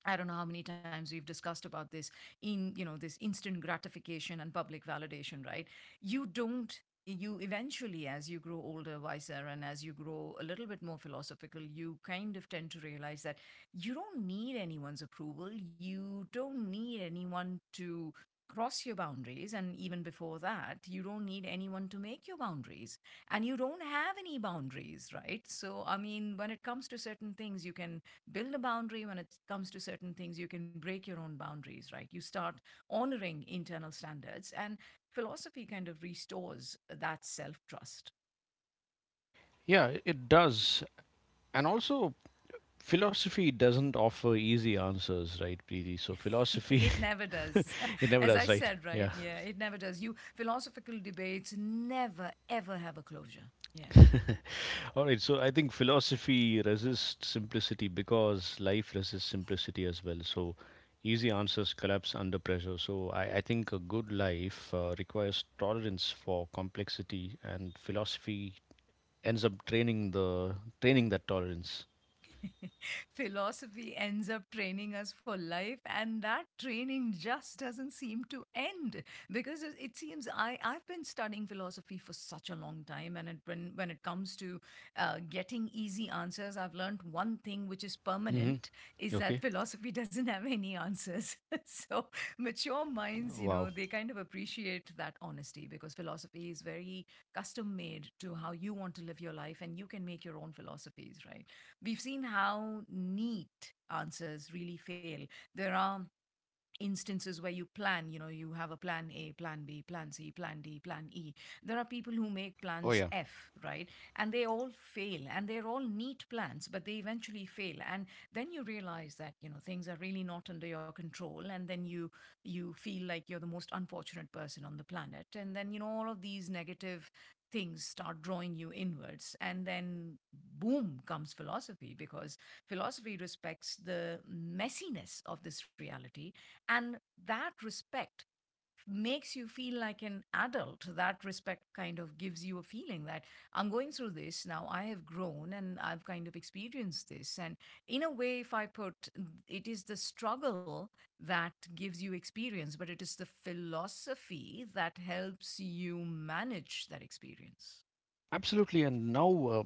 S2: I don't know how many times we've discussed about this, in you know, this instant gratification and public validation, right? You don't you eventually, as you grow older, wiser, and as you grow a little bit more philosophical, you kind of tend to realize that you don't need anyone's approval. You don't need anyone to cross your boundaries, and even before that, you don't need anyone to make your boundaries. And you don't have any boundaries, right? So I mean, when it comes to certain things, you can build a boundary. When it comes to certain things, you can break your own boundaries, right? You start honoring internal standards, and philosophy kind of restores that self trust.
S1: Yeah, it does. And also, philosophy doesn't offer easy answers, right, Preeti? So, philosophy
S2: It never does.
S1: it
S2: As
S1: never
S2: I
S1: does, right?
S2: said, right,
S1: Yeah.
S2: yeah, it never does. You, philosophical debates never ever have a closure, yeah.
S1: All right. So I think philosophy resists simplicity because life resists simplicity as well. So easy answers collapse under pressure. So I think a good life requires tolerance for complexity, and philosophy ends up training that tolerance.
S2: Philosophy ends up training us for life, and that training just doesn't seem to end, because it seems, I, I've been studying philosophy for such a long time, and it, when it comes to getting easy answers, I've learned one thing which is
S1: Hmm.
S2: permanent, is that
S1: Okay.
S2: philosophy doesn't have any answers. So mature minds, you know,
S1: Wow.
S2: they kind of appreciate that honesty, because philosophy is very custom made to how you want to live your life, and you can make your own philosophies, right? We've seen how neat answers really fail. There are instances where you plan, you know, you have a plan, a plan B, plan C, plan D, plan E. There are people who make
S1: Oh
S2: plans
S1: yeah.
S2: f, right? And they all fail, and they're all neat plans, but they eventually fail. And then you realize that, you know, things are really not under your control, and then you feel like you're the most unfortunate person on the planet. And then, you know, all of these negative things start drawing you inwards, and then boom comes philosophy, because philosophy respects the messiness of this reality. And that respect makes you feel like an adult. That respect kind of gives you a feeling that I'm going through this now. I have grown, and I've kind of experienced this. And in a way, if I put it is the struggle that gives you experience, but it is the philosophy that helps you manage that experience.
S1: Absolutely. And now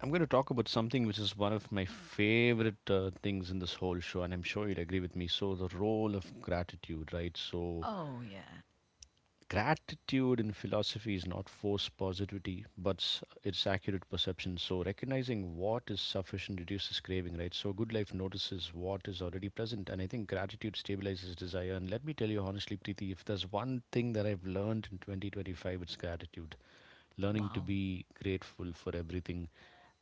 S1: I'm going to talk about something which is one of my favorite things in this whole show, and I'm sure you'd agree with me. So, the role of gratitude, right? So,
S2: Oh, yeah.
S1: gratitude in philosophy is not forced positivity, but it's accurate perception. So, recognizing what is sufficient reduces craving, right? So, good life notices what is already present, and I think gratitude stabilizes desire. And let me tell you honestly, Preeti, if there's one thing that I've learned in 2025, it's gratitude, learning
S2: Wow.
S1: to be grateful for everything,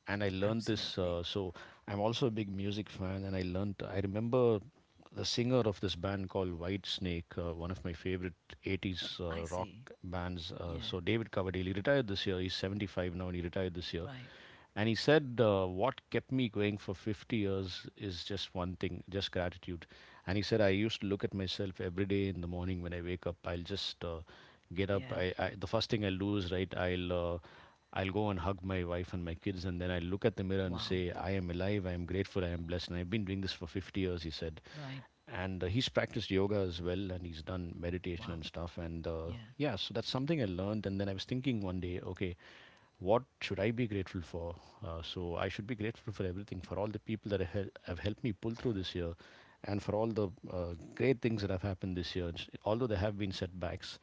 S1: and I learned this.
S2: Absolutely.
S1: So I'm also a big music fan, and I learned. I remember the singer of this band called White Snake, one of my favorite '80s
S2: I
S1: rock
S2: see.
S1: bands.
S2: Yeah.
S1: So David Coverdale, he retired this year. He's 75 now, and he retired this year.
S2: Right.
S1: And he said, "What kept me going for 50 years is just one thing, just gratitude." And he said, "I used to look at myself every day in the morning when I wake up. I'll just get
S2: Yeah.
S1: up. I the first thing I'll do is right. I'll go and hug my wife and my kids, and then I'll look at the mirror and
S2: Wow.
S1: say, I am alive, I am grateful, I am blessed. And I've been doing this for 50 years," he said.
S2: Right.
S1: And he's practiced yoga as well, and he's done meditation
S2: Wow.
S1: and stuff. And
S2: Yeah.
S1: yeah, so that's something I learned. And then I was thinking one day, okay, what should I be grateful for? So I should be grateful for everything, for all the people that have have helped me pull through this year, and for all the great things that have happened this year. It's— although there have been setbacks,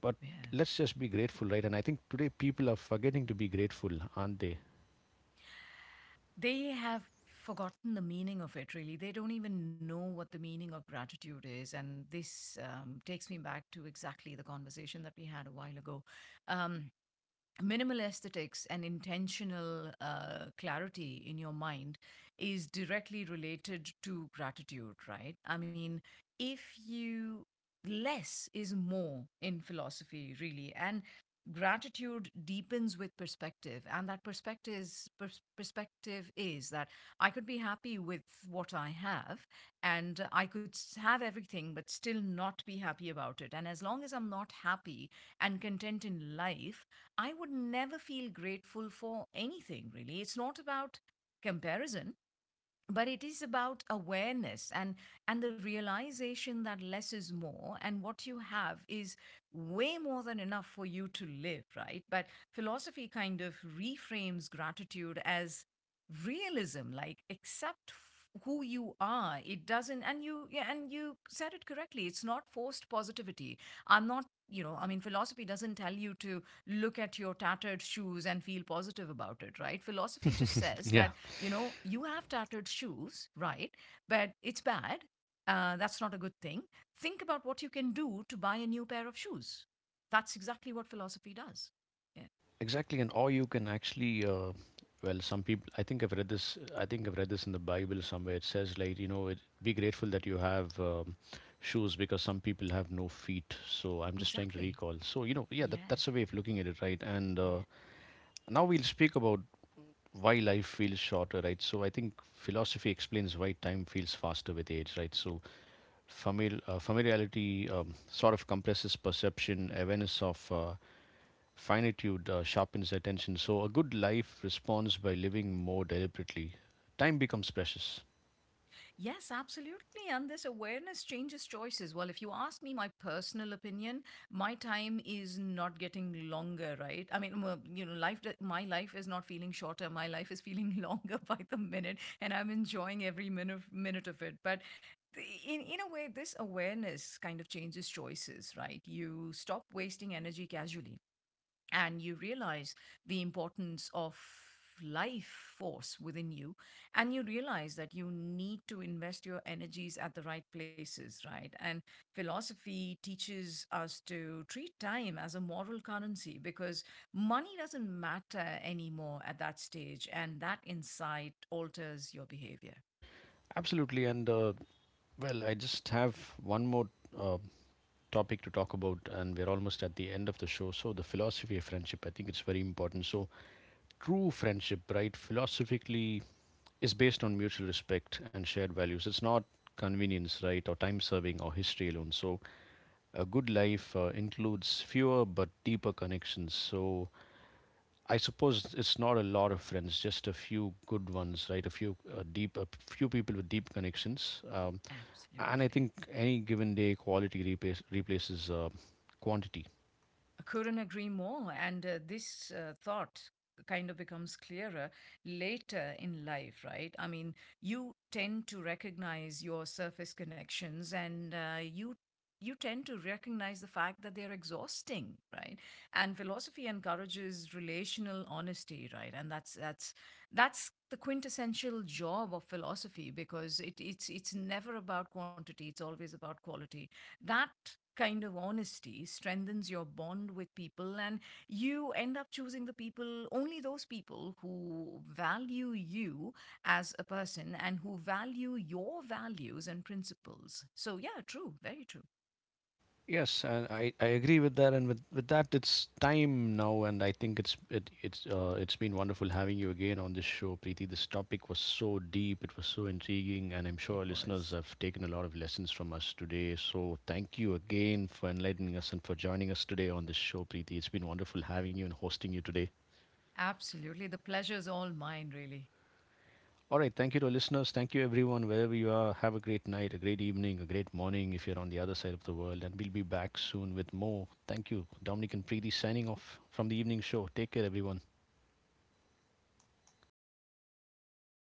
S1: but
S2: Yeah.
S1: let's just be grateful, right? And I think today people are forgetting to be grateful, aren't they?
S2: They have forgotten the meaning of it, really. They don't even know what the meaning of gratitude is. And this takes me back to exactly the conversation that we had a while ago. Um, minimal aesthetics and intentional clarity in your mind is directly related to gratitude, right? I mean, if you, less is more in philosophy, really. And gratitude deepens with perspective, and that perspective is, perspective is that I could be happy with what I have. And I could have everything, but still not be happy about it. And as long as I'm not happy and content in life, I would never feel grateful for anything really. It's not about comparison, but it is about awareness and the realization that less is more, and what you have is way more than enough for you to live, right? But philosophy kind of reframes gratitude as realism. Like, accept who you are. It doesn't, and you, yeah, and you said it correctly, it's not forced positivity. I'm not, you know, I mean, philosophy doesn't tell you to look at your tattered shoes and feel positive about it, right? Philosophy just says
S1: yeah.
S2: that, you know, you have tattered shoes, right? But it's bad. That's not a good thing. Think about what you can do to buy a new pair of shoes. That's exactly what philosophy does. Yeah,
S1: Exactly. And or you can actually, well, some people. I think I've read this. I think I've read this in the Bible somewhere. It says, like, you know, it, be grateful that you have shoes because some people have no feet. So I'm just trying to
S2: exactly,
S1: recall. So you know, yeah,
S2: yeah,
S1: that's a way of looking at it, right? And
S2: yeah.
S1: now we'll speak about why life feels shorter, right? So I think philosophy explains why time feels faster with age, right? So familiarity sort of compresses perception, awareness of finitude sharpens attention. So, a good life responds by living more deliberately. Time becomes precious.
S2: Yes, absolutely. And this awareness changes choices. Well, if you ask me my personal opinion, my time is not getting longer, right? I mean, well, you know, life, my life is not feeling shorter. My life is feeling longer by the minute, and I'm enjoying every minute, minute of it. But the- in a way, this awareness kind of changes choices, right? You stop wasting energy casually, and you realize the importance of life force within you. And you realize that you need to invest your energies at the right places, right? And philosophy teaches us to treat time as a moral currency, because money doesn't matter anymore at that stage, and that insight alters your behavior.
S1: Absolutely. And, well, I just have one more uh, topic to talk about, and we're almost at the end of the show. So, the philosophy of friendship, I think it's very important. So, true friendship, right, philosophically, is based on mutual respect and shared values. It's not convenience, right, or time serving or history alone. So, a good life includes fewer but deeper connections. So I suppose it's not a lot of friends, just a few good ones, right? A few a few people with deep connections. And I
S2: Absolutely.
S1: think any given day, quality replaces quantity.
S2: I couldn't agree more. And this thought kind of becomes clearer later in life, right? I mean, you tend to recognize your surface connections, and you. You tend to recognize the fact that they're exhausting, right? And philosophy encourages relational honesty, right? And that's that's the quintessential job of philosophy, because it, it's never about quantity; it's always about quality. That kind of honesty strengthens your bond with people, and you end up choosing the people, only those people who value you as a person and who value your values and principles. So yeah, true, very true.
S1: Yes, and I agree with that. And with that, it's time now, and I think it's it it's been wonderful having you again on this show, Preeti. This topic was so deep, it was so intriguing, and I'm sure
S2: It
S1: our listeners
S2: was
S1: have taken a lot of lessons from us today. So thank you again for enlightening us and for joining us today on this show, Preeti. It's been wonderful having you and hosting you today.
S2: absolutely, the pleasure's all mine, really.
S1: All right. Thank you to our listeners. Thank you, everyone, wherever you are. Have a great night, a great evening, a great morning if you're on the other side of the world. And we'll be back soon with more. Thank you. Dominic and Preeti signing off from the evening show. Take care, everyone.